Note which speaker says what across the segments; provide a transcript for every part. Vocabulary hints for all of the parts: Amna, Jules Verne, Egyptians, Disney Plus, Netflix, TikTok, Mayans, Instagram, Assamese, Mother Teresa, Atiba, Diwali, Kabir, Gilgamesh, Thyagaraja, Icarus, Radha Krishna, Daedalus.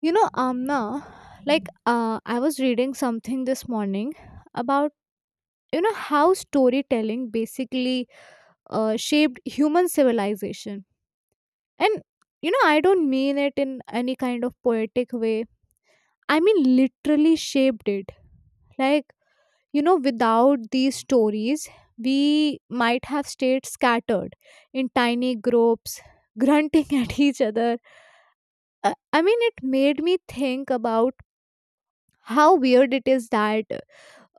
Speaker 1: Amna, like I was reading something this morning about how storytelling basically shaped human civilization, and I don't mean it in any kind of poetic way. I mean literally shaped it. Like, without these stories, we might have stayed scattered in tiny groups, grunting at each other. I mean, it made me think about how weird it is that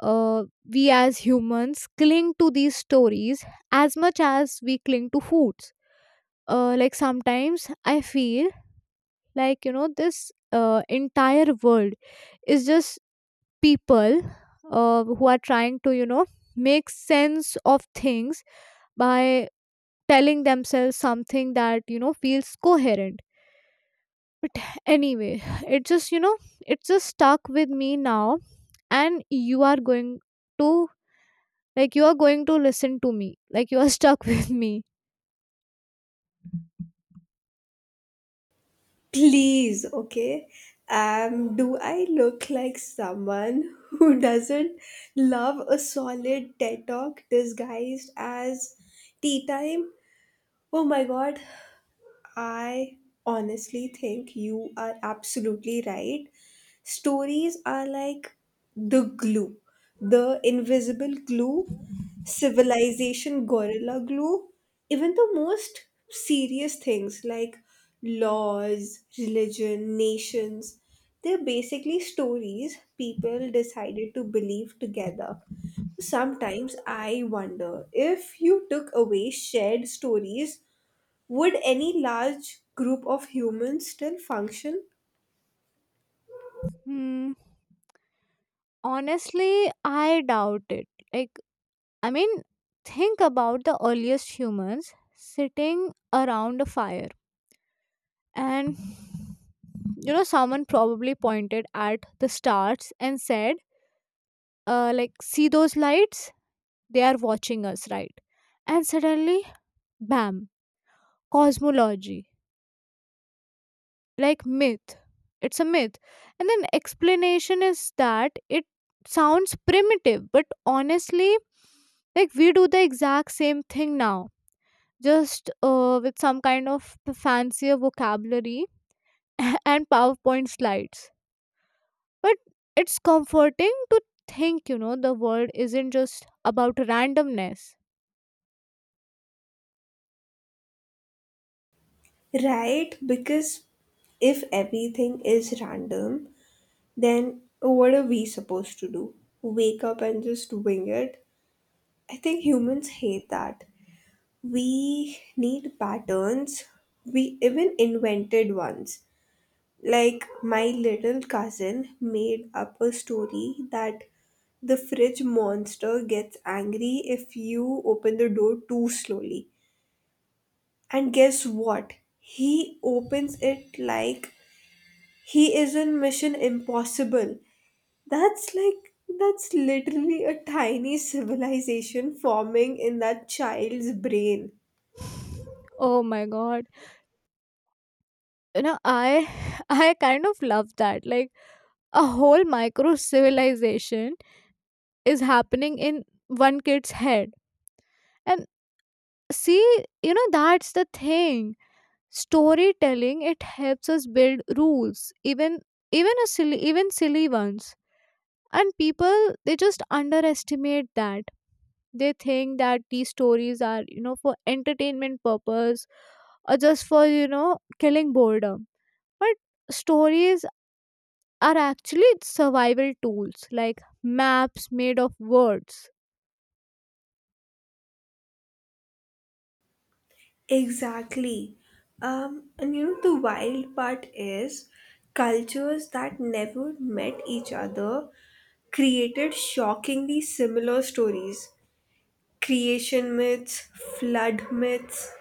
Speaker 1: uh, we as humans cling to these stories as much as we cling to foods. Like sometimes I feel like, this entire world is just people who are trying to, make sense of things by telling themselves something that, feels coherent. But anyway, it just, it's just stuck with me now, and you are going to Like, you are going to listen to me. Like, you are stuck with me.
Speaker 2: Please, okay? Do I look like someone who doesn't love a solid TED talk disguised as tea time? Oh my god, I honestly think you are absolutely right. Stories are like the glue, the invisible glue, civilization gorilla glue, even the most serious things like laws, religion, nations. They're basically stories people decided to believe together. Sometimes I wonder if you took away shared stories would any large group of humans still function?
Speaker 1: Hmm. Honestly, I doubt it. Like, I mean, think about the earliest humans sitting around a fire. And, someone probably pointed at the stars and said, like, see those lights? They are watching us, right? And suddenly, bam, cosmology, like myth, it's a myth, and then explanation is that it sounds primitive, but honestly, like, we do the exact same thing now, just with some kind of fancier vocabulary and powerpoint slides. But it's comforting to think the world isn't just about randomness.
Speaker 2: Right, because if everything is random, then what are we supposed to do? Wake up and just wing it? I think humans hate that. We need patterns. We even invented ones. Like my little cousin made up a story that the fridge monster gets angry if you open the door too slowly. And guess what? He opens it like he is in Mission Impossible. That's like, that's literally a tiny civilization forming in that child's brain.
Speaker 1: Oh my god, I I kind of love that. Like a whole micro civilization is happening in one kid's head. And see, that's the thing. Storytelling, it helps us build rules, even even silly ones. And people, they just underestimate that. They think that these stories are for entertainment purpose, or just for killing boredom. But stories are actually survival tools, like maps made of words.
Speaker 2: Exactly. The wild part is cultures that never met each other created shockingly similar stories, creation myths, flood myths,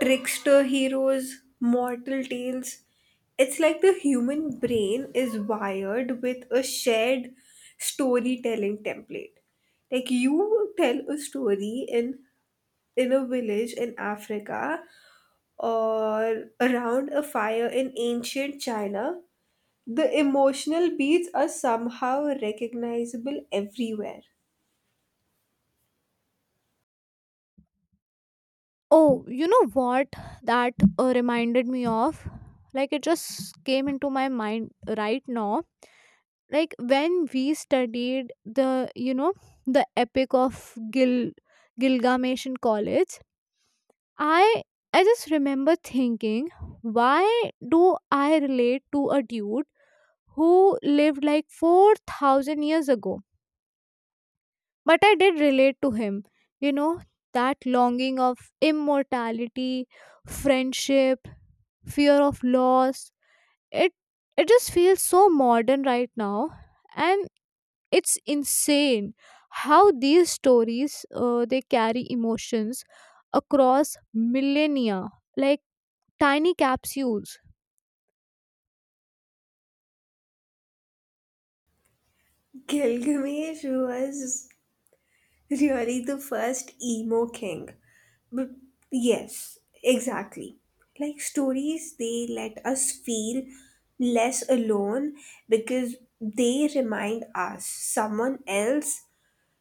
Speaker 2: trickster heroes, mortal tales. It's like the human brain is wired with a shared storytelling template. Like you tell a story in a village in Africa or around a fire in ancient China, the emotional beats are somehow recognizable everywhere.
Speaker 1: Oh, you know what that reminded me of? Like it just came into my mind right now. Like when we studied the epic of Gilgamesh in college, I I just remember thinking, why do I relate to a dude who lived like 4,000 years ago? But I did relate to him. You know, that longing of immortality, friendship, fear of loss, it it just feels so modern right now. And it's insane how these stories they carry emotions across millennia, like tiny capsules.
Speaker 2: Gilgamesh was really the first emo king. But yes, exactly. Like stories, they let us feel less alone because they remind us someone else.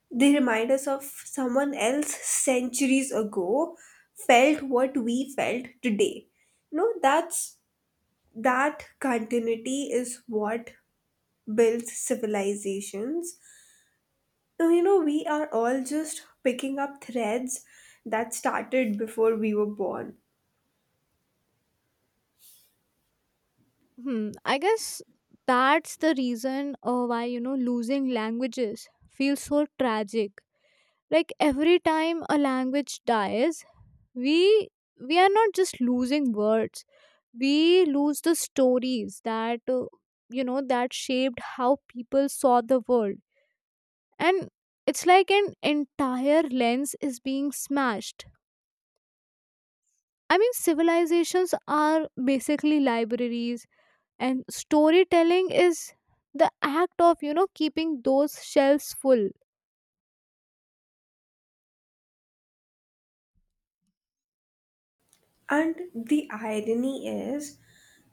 Speaker 2: They remind us of someone else centuries ago felt what we felt today. No, that's That continuity is what builds civilizations. You know, we are all just picking up threads that started before we were born.
Speaker 1: Hmm, I guess that's the reason why losing languages feels so tragic. Like every time a language dies, we we are not just losing words. We lose the stories that that shaped how people saw the world. And it's like an entire lens is being smashed. I mean, civilizations are basically libraries, and storytelling is the act of keeping those shelves full.
Speaker 2: And the irony is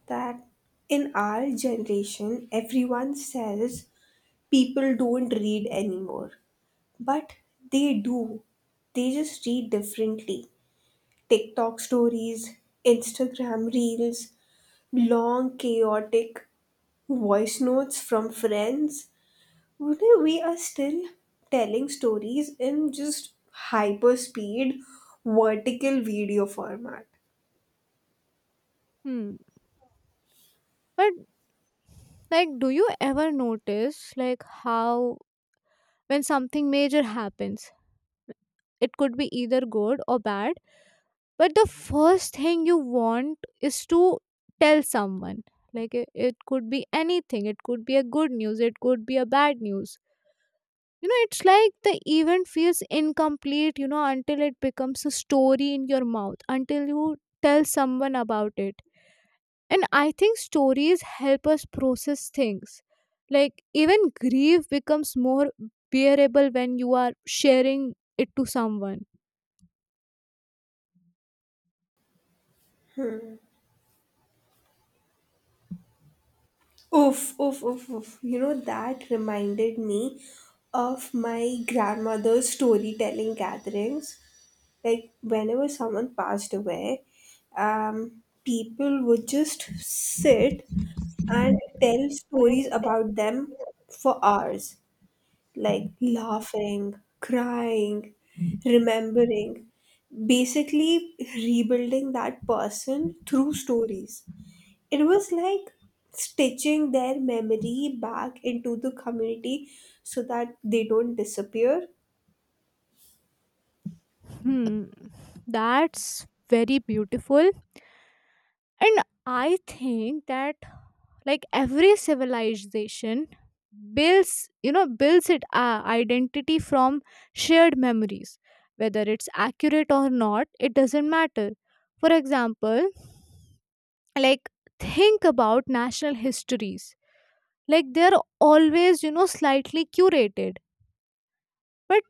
Speaker 2: that in our generation, everyone says people don't read anymore. But they do. They just read differently. TikTok stories, Instagram reels, long, chaotic voice notes from friends. Today we are still telling stories, in just hyper speed vertical video format.
Speaker 1: Hmm. But like, do you ever notice like how when something major happens, it could be either good or bad, but the first thing you want is to tell someone? Like it could be anything. It could be a good news, it could be a bad news. It's like the event feels incomplete, until it becomes a story in your mouth, until you tell someone about it. And I think stories help us process things. Like even grief becomes more bearable when you are sharing it to someone.
Speaker 2: Oof, oof, oof, oof. You know, that reminded me of my grandmother's storytelling gatherings. Like, whenever someone passed away, people would just sit and tell stories about them for hours, like laughing, crying, remembering, basically rebuilding that person through stories. It was like stitching their memory back into the community so that they don't disappear.
Speaker 1: Hmm, that's very beautiful. And I think that like every civilization builds its identity from shared memories. Whether it's accurate or not, it doesn't matter. For example, like think about national histories. Like they're always, slightly curated, but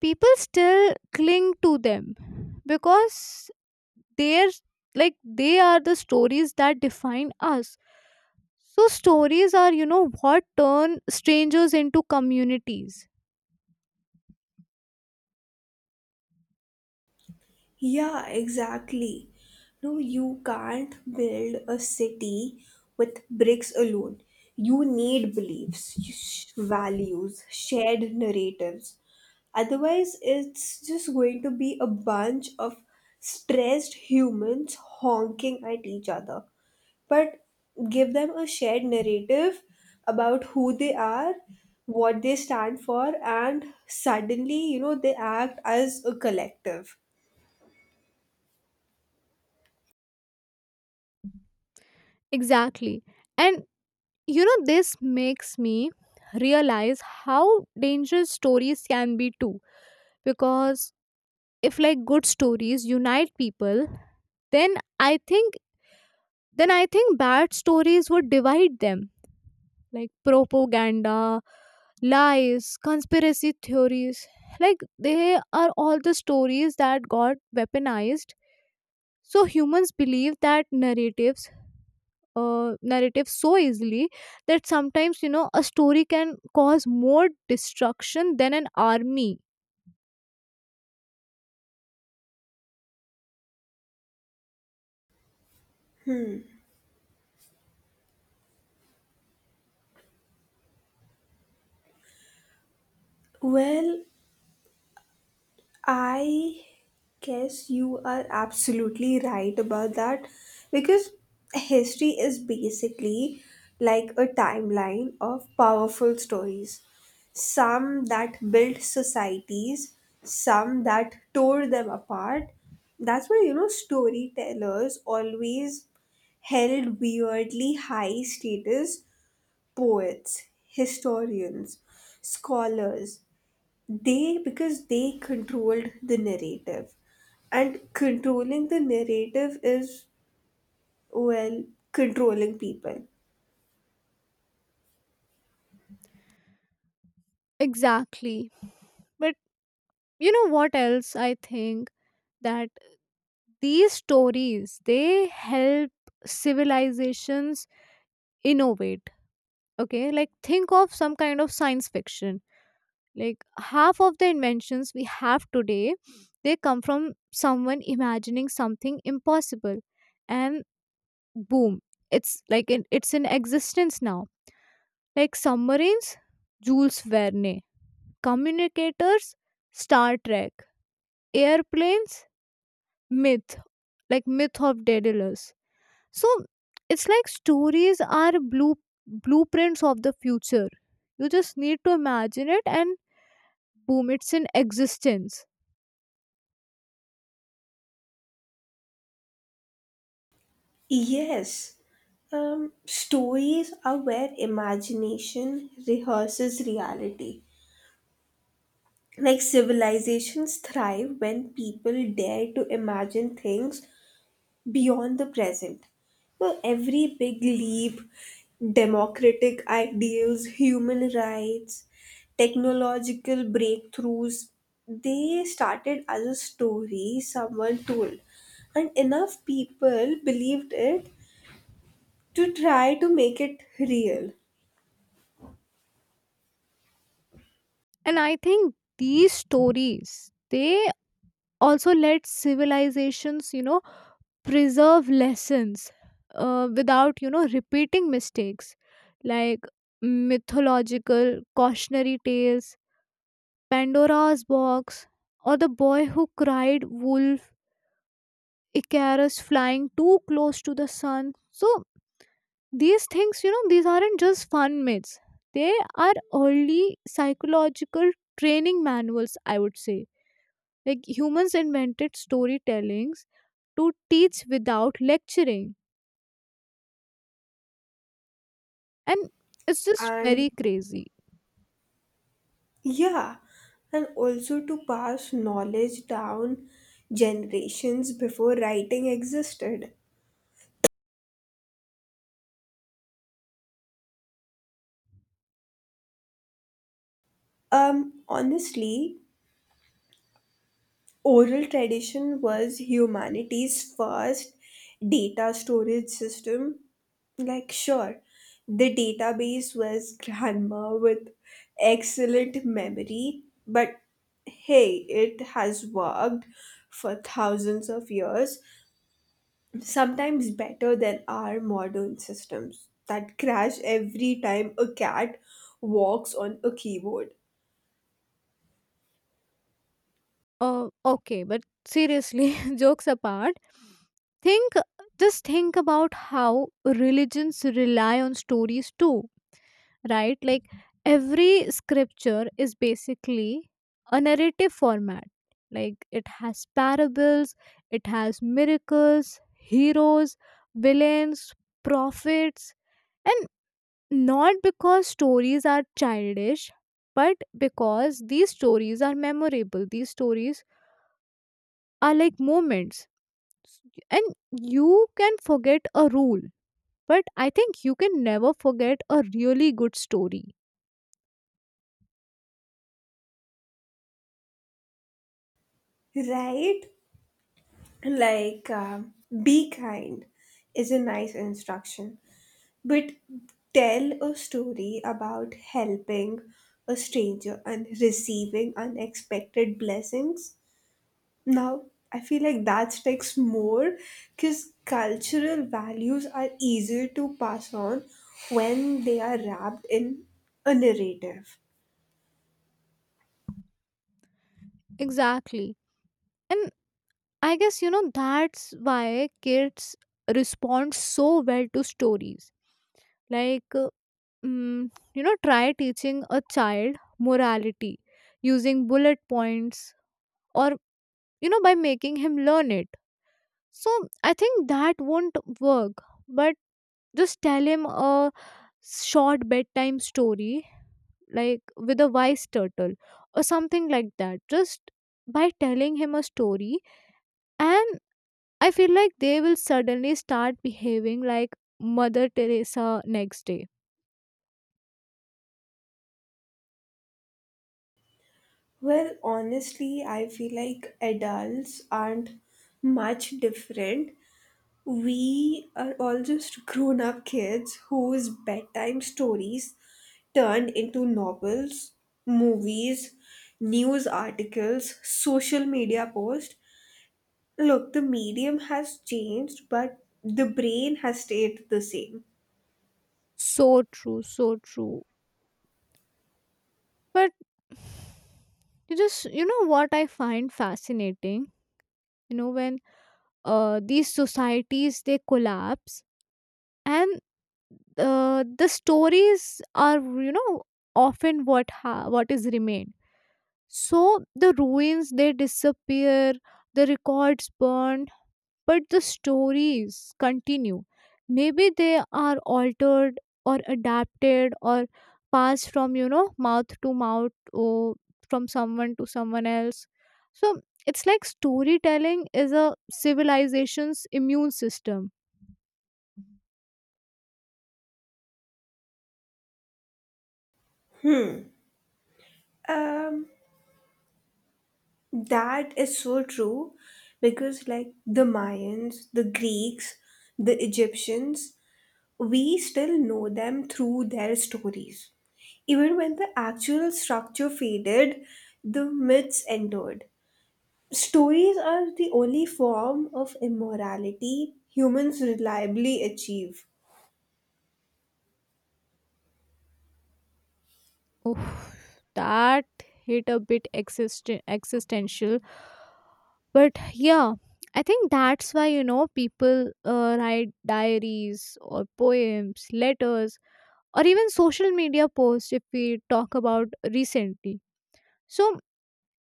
Speaker 1: people still cling to them because they're like they are the stories that define us. So, stories are, what turn strangers into communities.
Speaker 2: Yeah, exactly. No, you can't build a city with bricks alone. You need beliefs, values, shared narratives. Otherwise, it's just going to be a bunch of stressed humans honking at each other. But give them a shared narrative about who they are, what they stand for, and suddenly, you know, they act as a collective.
Speaker 1: Exactly. And, this makes me realize how dangerous stories can be too. Because if, like, good stories unite people, then I think bad stories would divide them. Like propaganda, lies, conspiracy theories. Like they are all the stories that got weaponized. So humans believe that narratives so easily that sometimes, a story can cause more destruction than an army.
Speaker 2: Well, I guess you are absolutely right about that, because history is basically like a timeline of powerful stories. Some that built societies, some that tore them apart. That's why, you know, storytellers always held weirdly high status, poets, historians, scholars, they because they controlled the narrative, and controlling the narrative is, well, controlling people.
Speaker 1: Exactly, but you know what else? I think that these stories, they help civilizations innovate. Okay, like think of some kind of science fiction. Like half of the inventions we have today, they come from someone imagining something impossible, and boom, it's in existence now, like submarines, Jules Verne, communicators, Star Trek, airplanes, myth myth of Daedalus. So it's like stories are blueprints of the future. You just need to imagine it, and boom, it's in existence.
Speaker 2: Yes. Stories are where imagination rehearses reality. Like civilizations thrive when people dare to imagine things beyond the present. So every big leap, democratic ideals, human rights, technological breakthroughs, they started as a story someone told, and enough people believed it to try to make it real.
Speaker 1: And I think these stories, they also led civilizations, preserve lessons, without repeating mistakes. Like mythological cautionary tales, Pandora's box, or the boy who cried wolf, Icarus flying too close to the sun. So these things, these aren't just fun myths. They are early psychological training manuals, I would say. Like humans invented storytellings to teach without lecturing. And it's just
Speaker 2: And
Speaker 1: very crazy.
Speaker 2: yeah, and also to pass knowledge down generations before writing existed. Um, honestly, Oral tradition was humanity's first data storage system. Like, sure, the database was grandma with excellent memory, but hey, it has worked for thousands of years, sometimes better than our modern systems that crash every time a cat walks on a keyboard.
Speaker 1: Okay, but seriously, jokes apart, think just think about how religions rely on stories too, right? Like every scripture is basically a narrative format. Like it has parables, it has miracles, heroes, villains, prophets. And not because stories are childish, but because these stories are memorable. These stories are like moments. S- And you can forget a rule, but I think you can never forget a really good story.
Speaker 2: Right? like um, be kind is a nice instruction, but tell a story about helping a stranger and receiving unexpected blessings, now I feel like that sticks more, because cultural values are easier to pass on when they are wrapped in a narrative.
Speaker 1: Exactly. And I guess, that's why kids respond so well to stories. Like, try teaching a child morality using bullet points, or, by making him learn it. So I think that won't work. But just tell him a short bedtime story, like with a wise turtle or something like that. Just by telling him a story, and I feel like they will suddenly start behaving like Mother Teresa next day.
Speaker 2: Well honestly I feel like adults aren't much different. We are all just grown up kids whose bedtime stories turned into novels, movies, news articles, social media posts. Look, the medium has changed, but the brain has stayed the same.
Speaker 1: So true, so true. But you know what I find fascinating? When these societies, they collapse, and the stories are, often what is remained. So the ruins, they disappear, the records burn, but the stories continue. Maybe they are altered or adapted, or passed from, mouth to mouth, or from someone to someone else. So it's like storytelling is a civilization's immune system.
Speaker 2: Hmm. Um, that is so true because, like, the Mayans, the Greeks, the Egyptians, we still know them through their stories. Even when the actual structure faded, the myths endured. Stories are the only form of immorality humans reliably achieve.
Speaker 1: Oh, that hit a bit existential. But yeah, I think that's why, people write diaries or poems, letters, or even social media posts if we talk about recently. So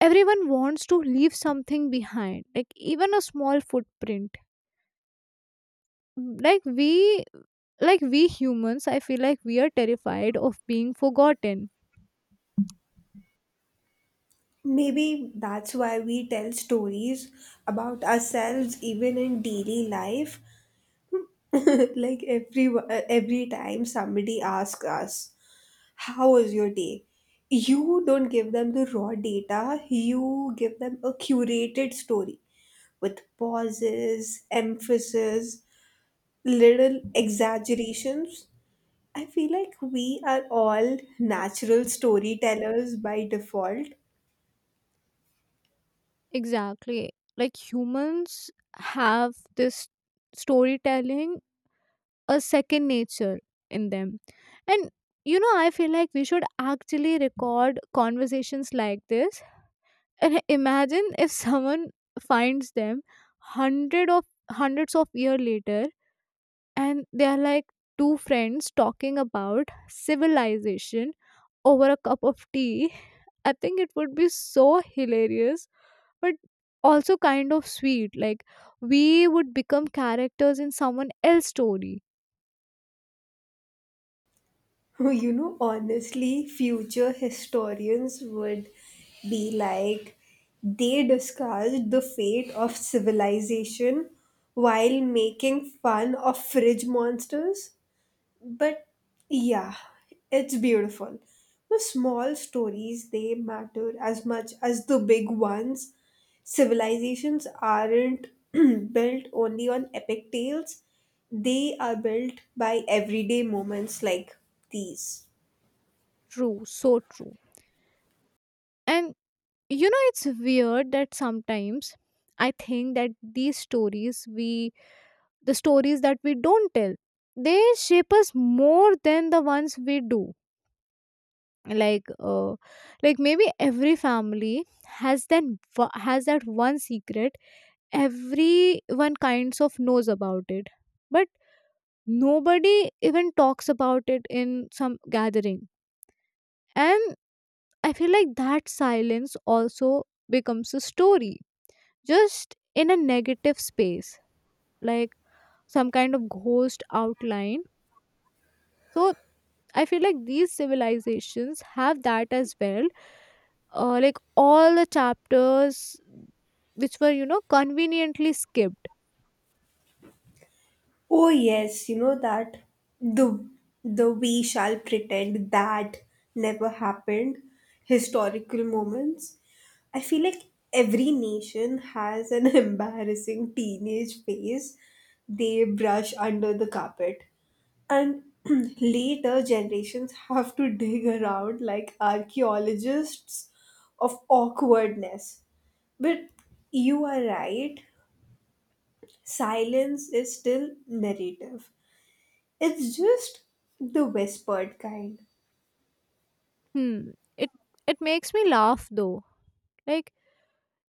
Speaker 1: everyone wants to leave something behind, like even a small footprint. Mm, like we like we humans, I feel like we are terrified of being forgotten.
Speaker 2: Maybe that's why we tell stories about ourselves even in daily life. Like every time somebody asks us, how was your day? You don't give them the raw data, you give them a curated story with pauses, emphasis, little exaggerations. I feel like we are all natural storytellers by default.
Speaker 1: Exactly. Like humans have this storytelling, a second nature in them. And I feel like we should actually record conversations like this. And imagine if someone finds them hundred of hundreds of year later, and they are like, two friends talking about civilization over a cup of tea. I think it would be so hilarious, but also kind of sweet. Like we would become characters in someone else's story.
Speaker 2: You know, honestly, future historians would be like, they discussed the fate of civilization while making fun of fridge monsters. But yeah, it's beautiful. The small stories they matter as much as the big ones. Civilizations aren't built only on epic tales, they are built by everyday moments like these.
Speaker 1: True, so true. And it's weird that sometimes I think that the stories that we don't tell, they shape us more than the ones we do. Like, like maybe every family has then has that one secret. Everyone kinds of knows about it, but nobody even talks about it in some gathering. And I feel like that silence also becomes a story, just in a negative space, like some kind of ghost outline. So I feel like these civilizations have that as well. Like all the chapters which were, conveniently skipped.
Speaker 2: Oh yes, you know that the, we shall pretend that never happened historical moments. I feel like every nation has an embarrassing teenage phase they brush under the carpet. And later generations have to dig around like archaeologists of awkwardness. But you are right, silence is still narrative. It's just the whispered kind.
Speaker 1: Hmm. It it makes me laugh though. Like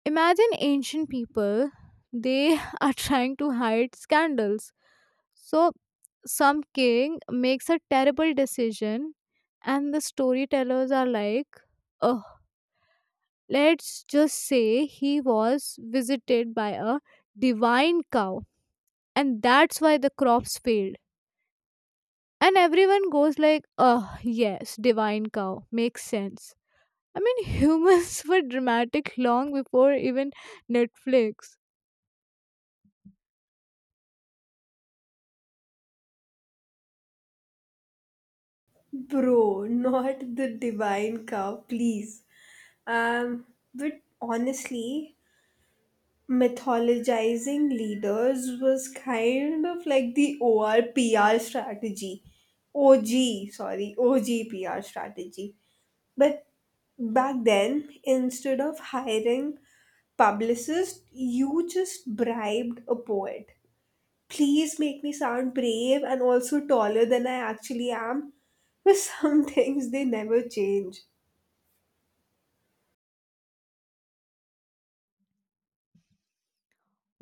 Speaker 1: imagine ancient people, they are trying to hide scandals. So some king makes a terrible decision, and the storytellers are like, oh, let's just say he was visited by a divine cow and that's why the crops failed. And everyone goes like, oh yes, divine cow makes sense. I mean, humans were dramatic long before even Netflix.
Speaker 2: Bro, not the divine cow, please. Um, but honestly, mythologizing leaders was kind of like the OR-PR strategy. OG, sorry, OG-PR strategy. But back then, instead of hiring publicists, you just bribed a poet. Please make me sound brave and also taller than I actually am. But some things they never change.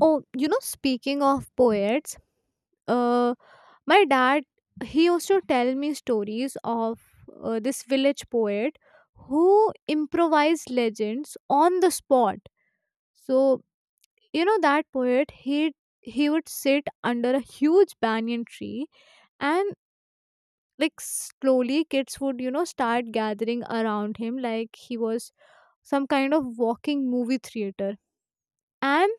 Speaker 1: Oh, speaking of poets, uh my dad, he used to tell me stories of this village poet who improvised legends on the spot. So that poet, he would sit under a huge banyan tree. And like slowly, kids would, start gathering around him like he was some kind of walking movie theater. And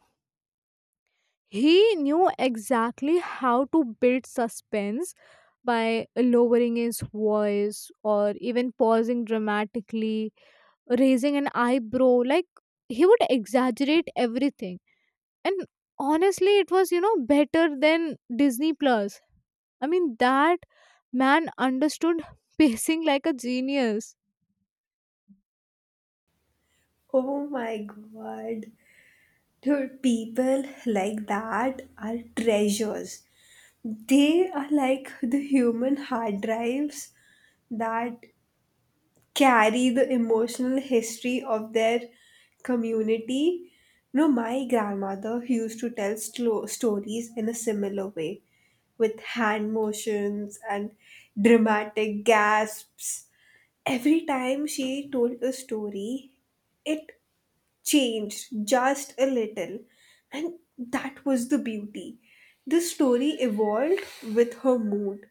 Speaker 1: he knew exactly how to build suspense by lowering his voice or even pausing dramatically, raising an eyebrow. Like he would exaggerate everything. And honestly, it was, better than Disney Plus. I mean, that man understood pacing like a genius.
Speaker 2: Oh my god. Dude, people like that are treasures. They are like the human hard drives that carry the emotional history of their community. No, my grandmother used to tell stories in a similar way, with hand motions and dramatic gasps. Every time she told a story, it changed just a little, and that was the beauty. The story evolved with her mood.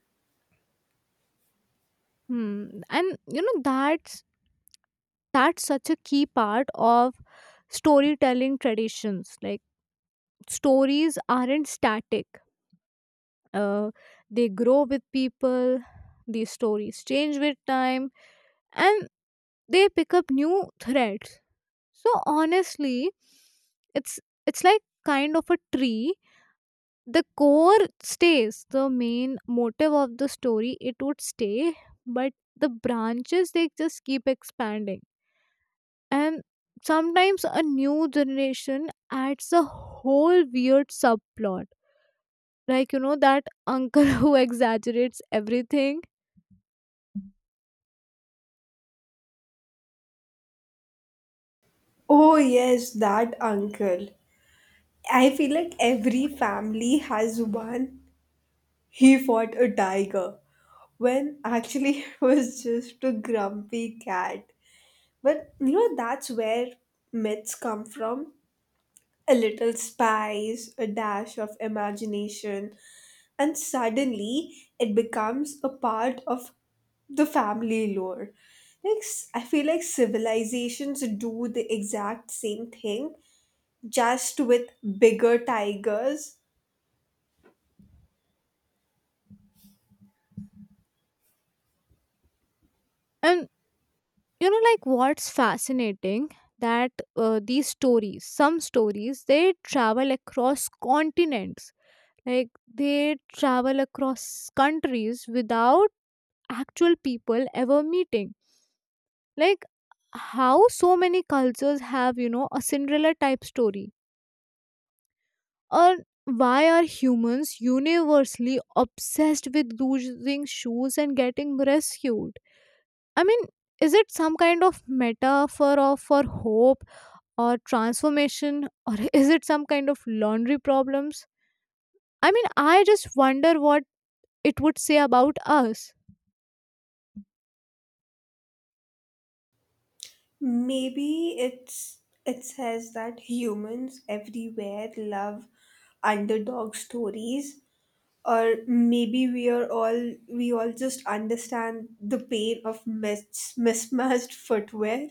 Speaker 1: Hmm. And that's such a key part of storytelling traditions. Like stories aren't static. Uh, they grow with people. These stories change with time, and they pick up new threads. So honestly, it's it's like kind of a tree. The core stays, the main motive of the story. It would stay, but the branches, they just keep expanding. And sometimes a new generation adds a whole weird subplot, like that uncle who exaggerates everything.
Speaker 2: Oh, yes, that uncle. I feel like every family has one. He fought a tiger when actually it was just a grumpy cat. But you know, that's where myths come from. A little spice, a dash of imagination, and suddenly it becomes a part of the family lore. I feel like civilizations do the exact same thing, just with bigger tigers.
Speaker 1: And like what's fascinating, that these stories some stories, they travel across continents. Like they travel across countries without actual people ever meeting. Like how so many cultures have, a Cinderella type story. Or why are humans universally obsessed with losing shoes and getting rescued? I mean, is it some kind of metaphor of for hope or transformation, or is it some kind of laundry problems? I mean, I just wonder what it would say about us.
Speaker 2: Maybe it's, it says that humans everywhere love underdog stories, or maybe we are all, we all just understand the pain of mismatched footwear.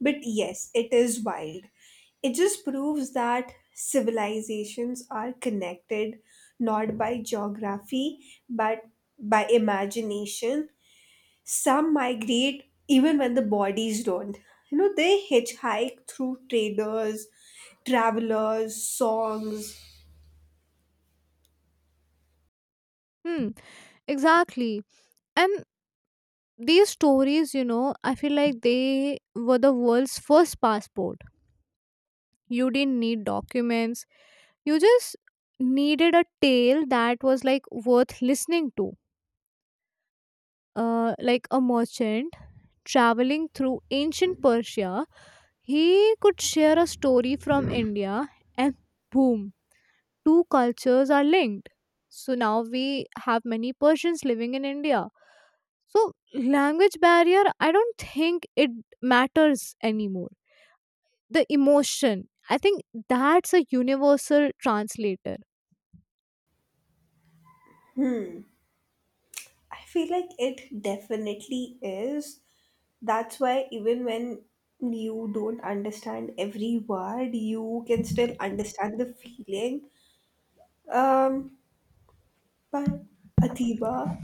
Speaker 2: But yes, it is wild. It just proves that civilizations are connected not by geography but by imagination. Some migrate even when the bodies don't. You know, they hitchhike through traders, travelers, songs.
Speaker 1: Hmm, exactly. And these stories, I feel like they were the world's first passport. You didn't need documents, you just needed a tale that was like worth listening to. Like a merchant traveling through ancient Persia, he could share a story from India, and boom, two cultures are linked. So now we have many Persians living in India. So language barrier, I don't think it matters anymore. The emotion, I think, that's a universal translator.
Speaker 2: I feel like it definitely is. That's why even when you don't understand every word, you can still understand the feeling. Um, but Atiba,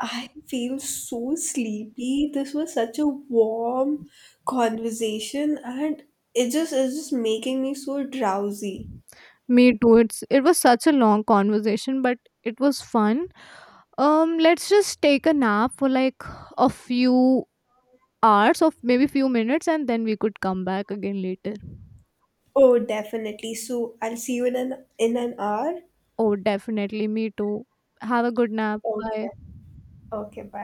Speaker 2: I feel so sleepy. This was such a warm conversation and it just making me so drowsy.
Speaker 1: Me too. It was such a long conversation, but it was fun. Let's just take a nap for like a few hours of maybe few minutes, and then we could come back again later.
Speaker 2: Oh, definitely. So I'll see you in an hour.
Speaker 1: Oh, definitely. Me too. Have a good nap. Bye.
Speaker 2: Okay. Okay,